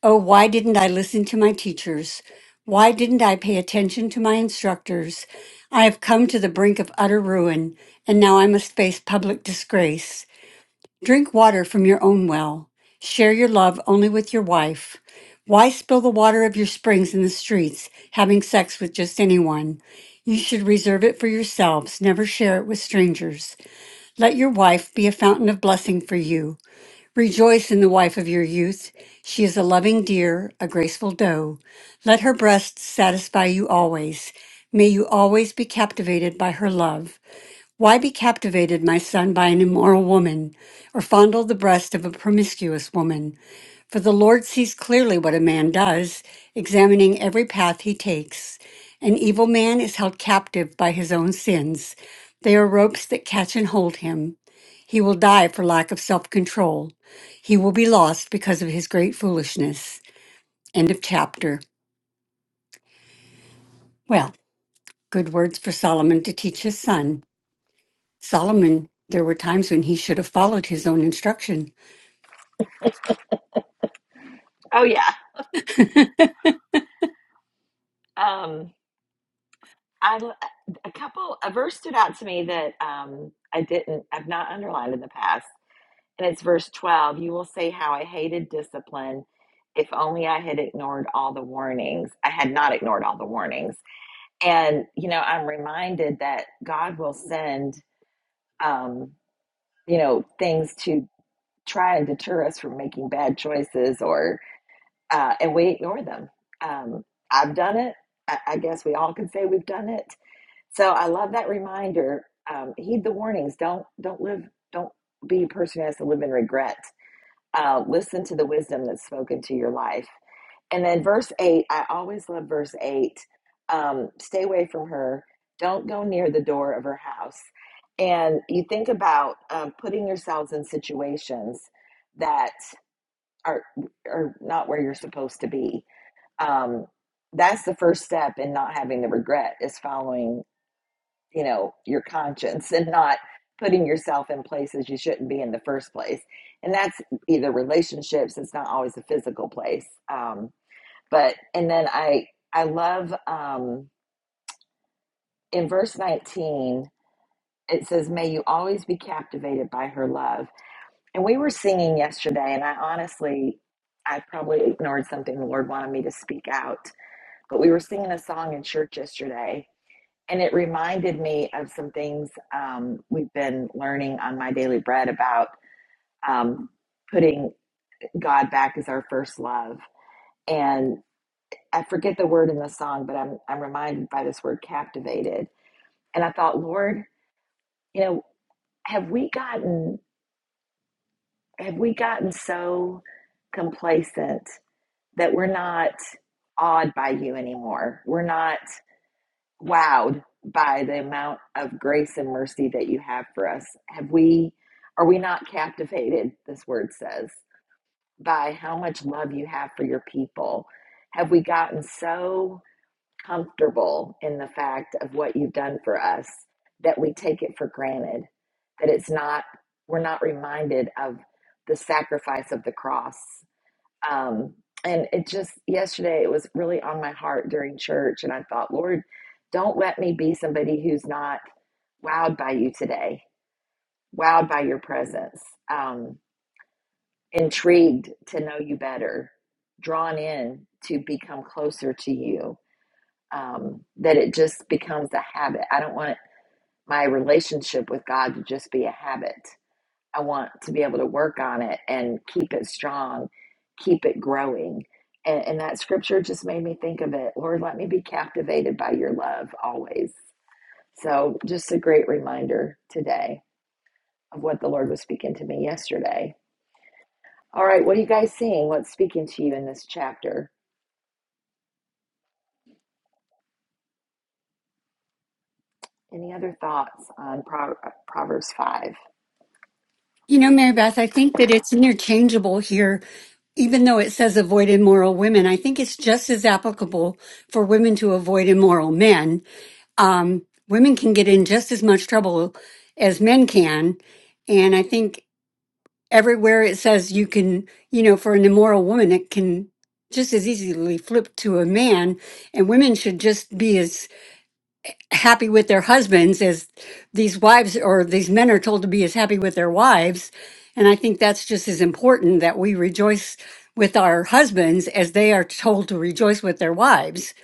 Oh, why didn't I listen to my teachers? Why didn't I pay attention to my instructors? I have come to the brink of utter ruin, and now I must face public disgrace. Drink water from your own well. Share your love only with your wife. Why spill the water of your springs in the streets, having sex with just anyone? You should reserve it for yourselves, never share it with strangers. Let your wife be a fountain of blessing for you. Rejoice in the wife of your youth. She is a loving deer, a graceful doe. Let her breasts satisfy you always. May you always be captivated by her love. Why be captivated, my son, by an immoral woman, or fondle the breast of a promiscuous woman? For the Lord sees clearly what a man does, examining every path he takes. An evil man is held captive by his own sins. They are ropes that catch and hold him. He will die for lack of self control. He will be lost because of his great foolishness. End of chapter. Well, good words for Solomon to teach his son. Solomon, there were times when he should have followed his own instruction. Oh yeah. Um, I a couple a verse stood out to me that um I didn't I've not underlined in the past, and it's verse twelve. You will say how I hated discipline. If only I had ignored all the warnings. I had not ignored all the warnings, and you know I'm reminded that God will send um you know things to try and deter us from making bad choices or. uh, and we ignore them. Um, I've done it. I, I guess we all can say we've done it. So I love that reminder. Um, heed the warnings. Don't don't live. Don't be a person who has to live in regret. Uh, listen to the wisdom that's spoken to your life. And then verse eight. I always love verse eight. Um, stay away from her. Don't go near the door of her house. And you think about um, putting yourselves in situations that are are not where you're supposed to be um, that's the first step in not having the regret is following you know your conscience and not putting yourself in places you shouldn't be in the first place and that's either relationships it's not always a physical place um, but and then i i love um, in verse 19 it says may you always be captivated by her love and we were singing yesterday and i honestly i probably ignored something the lord wanted me to speak out but we were singing a song in church yesterday and it reminded me of some things um, we've been learning on my daily bread about um, putting God back as our first love. And I forget the word in the song, but I'm I'm reminded by this word captivated. And I thought, Lord, you know, have we gotten have we gotten so complacent that we're not awed by you anymore? We're not wowed by the amount of grace and mercy that you have for us. Have we are we not captivated, this word says, by how much love you have for your people? Have we gotten so comfortable in the fact of what you've done for us that we take it for granted? That it's not we're not reminded of the sacrifice of the cross um, and it just, yesterday, it was really on my heart during church. And I thought, Lord, don't let me be somebody who's not wowed by you today, wowed by your presence, um, intrigued to know you better, drawn in to become closer to you, um, that it just becomes a habit. I don't want my relationship with God to just be a habit. I want to be able to work on it and keep it strong, keep it growing. And, and that scripture just made me think of it. Lord, let me be captivated by your love always. So, just a great reminder today of what the Lord was speaking to me yesterday. All right, what are you guys seeing? What's speaking to you in this chapter? Any other thoughts on Pro- Proverbs 5? You know, Mary Beth, I think that it's interchangeable here. Even though it says avoid immoral women, I think it's just as applicable for women to avoid immoral men. Um, women can get in just as much trouble as men can. And I think everywhere it says you can, you know, for an immoral woman, it can just as easily flip to a man. And women should just be as happy with their husbands as these wives or these men are told to be as happy with their wives. And I think that's just as important that we rejoice with our husbands as they are told to rejoice with their wives.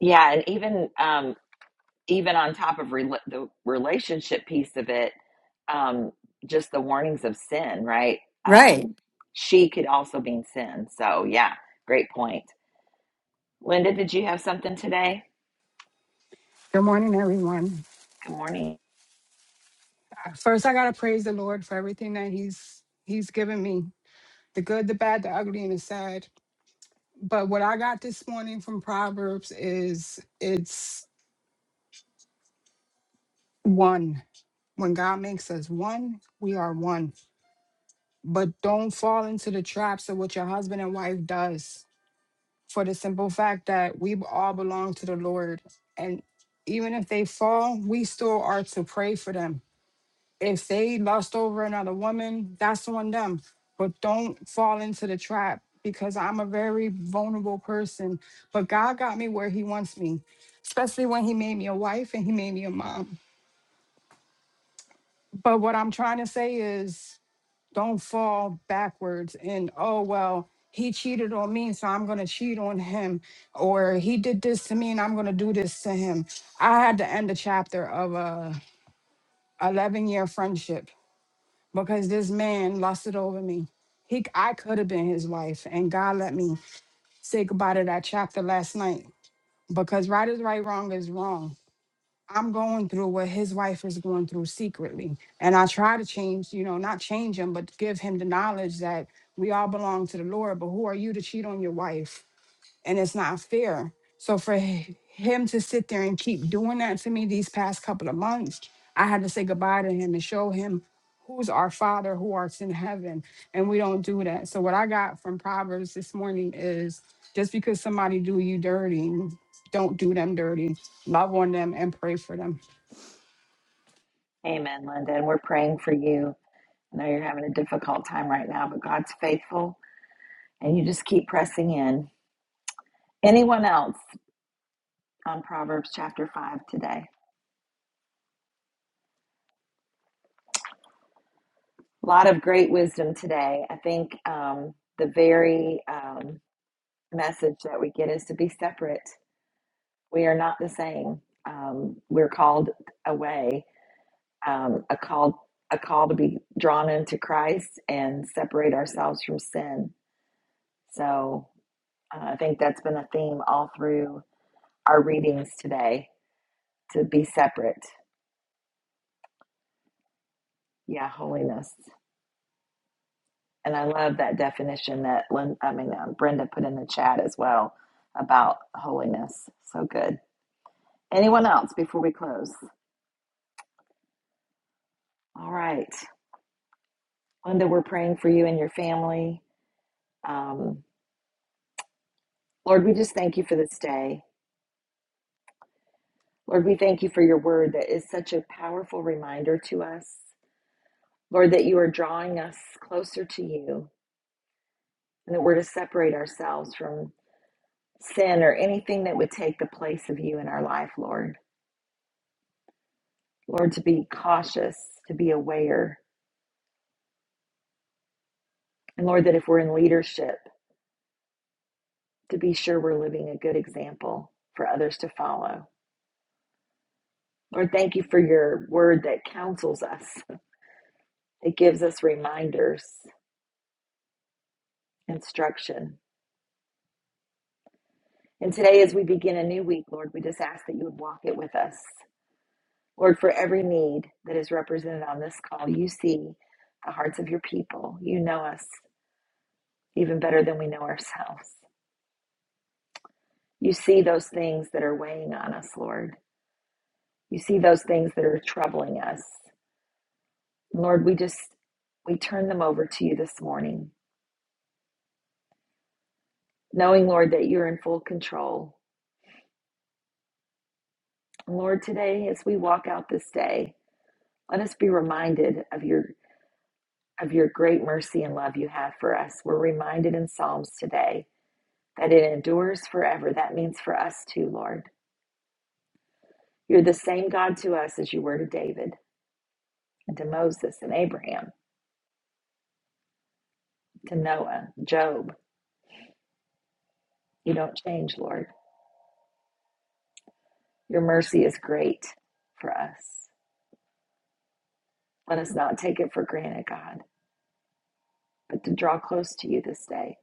Yeah, and even um, even on top of rela- the relationship piece of it, um, just the warnings of sin, right? Right. Um, she could also mean sin. So, yeah, great point. Linda, did you have something today? Good morning, everyone. Good morning. First, I gotta praise the Lord for everything that He's He's given me. The good, the bad, the ugly, and the sad. But what I got this morning from Proverbs is it's one. When God makes us one, we are one. But don't fall into the traps of what your husband and wife does for the simple fact that we all belong to the Lord. And even if they fall, we still are to pray for them if they lust over another woman, that's on them. But don't fall into the trap because I'm a very vulnerable person. But God got me where He wants me, especially when He made me a wife and He made me a mom. But what I'm trying to say is don't fall backwards and, oh, well, he cheated on me, so I'm going to cheat on him. Or he did this to me and I'm going to do this to him. I had to end the chapter of a 11 year friendship because this man lusted over me. He, I could have been his wife, and God let me say goodbye to that chapter last night. Because right is right, wrong is wrong. I'm going through what his wife is going through secretly, and I try to change, you know, not change him, but give him the knowledge that we all belong to the Lord. But who are you to cheat on your wife? and it's not fair. So for h- him to sit there and keep doing that to me these past couple of months, I had to say goodbye to him and show him who's our Father who arts in heaven, and we don't do that. So what I got from Proverbs this morning is just because somebody do you dirty, don't do them dirty. Love on them and pray for them. Amen, Linda. And we're praying for you. I know you're having a difficult time right now, but God's faithful and you just keep pressing in. Anyone else on Proverbs chapter 5 today? A lot of great wisdom today. I think um, the very um, message that we get is to be separate. We are not the same. Um, we're called away, um, a called a call to be drawn into Christ and separate ourselves from sin. So uh, I think that's been a theme all through our readings today to be separate. Yeah, holiness. And I love that definition that Lynn, I mean uh, Brenda put in the chat as well about holiness. So good. Anyone else before we close? All right. Wanda, we're praying for you and your family. Um, Lord, we just thank you for this day. Lord, we thank you for your word that is such a powerful reminder to us. Lord, that you are drawing us closer to you and that we're to separate ourselves from sin or anything that would take the place of you in our life, Lord. Lord, to be cautious, to be aware. And Lord, that if we're in leadership, to be sure we're living a good example for others to follow. Lord, thank you for your word that counsels us It gives us reminders, instruction. And today, as we begin a new week, Lord, we just ask that you would walk it with us. Lord, for every need that is represented on this call, you see the hearts of your people. You know us even better than we know ourselves. You see those things that are weighing on us, Lord. You see those things that are troubling us. Lord, we just we turn them over to you this morning, knowing, Lord, that you're in full control. Lord, today as we walk out this day, Let us be reminded of your of your great mercy and love you have for us. We're reminded in Psalms today that it endures forever. That means for us too, Lord. You're the same God to us as you were to David and to Moses and Abraham, to Noah, Job. You don't change, Lord. Your mercy is great for us. Let us not take it for granted, God, but to draw close to you this day.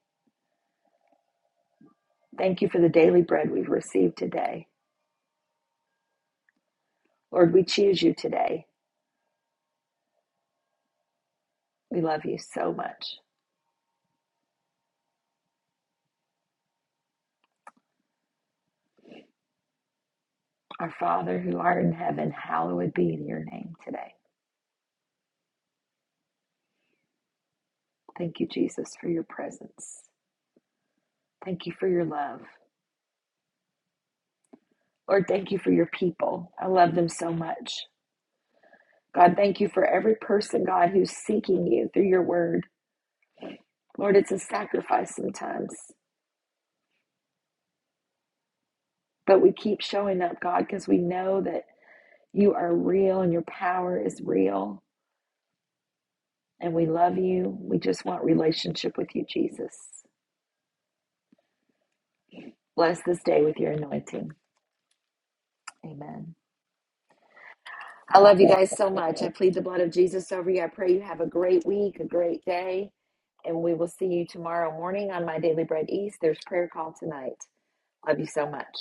Thank you for the daily bread we've received today. Lord, we choose you today. We love you so much. Our Father who art in heaven, hallowed be your name today. Thank you, Jesus, for your presence. Thank you for your love. Lord, thank you for your people. I love them so much. God, thank you for every person, God, who's seeking you through your word. Lord, it's a sacrifice sometimes, but we keep showing up, God, because we know that you are real and your power is real, and we love you. We just want relationship with you, Jesus. Bless this day with your anointing. Amen. I love you guys so [laughs] much. I plead the blood of Jesus over you. I pray you have a great week, a great day, and we will see you tomorrow morning on My Daily Bread East. There's prayer call tonight. Love you so much.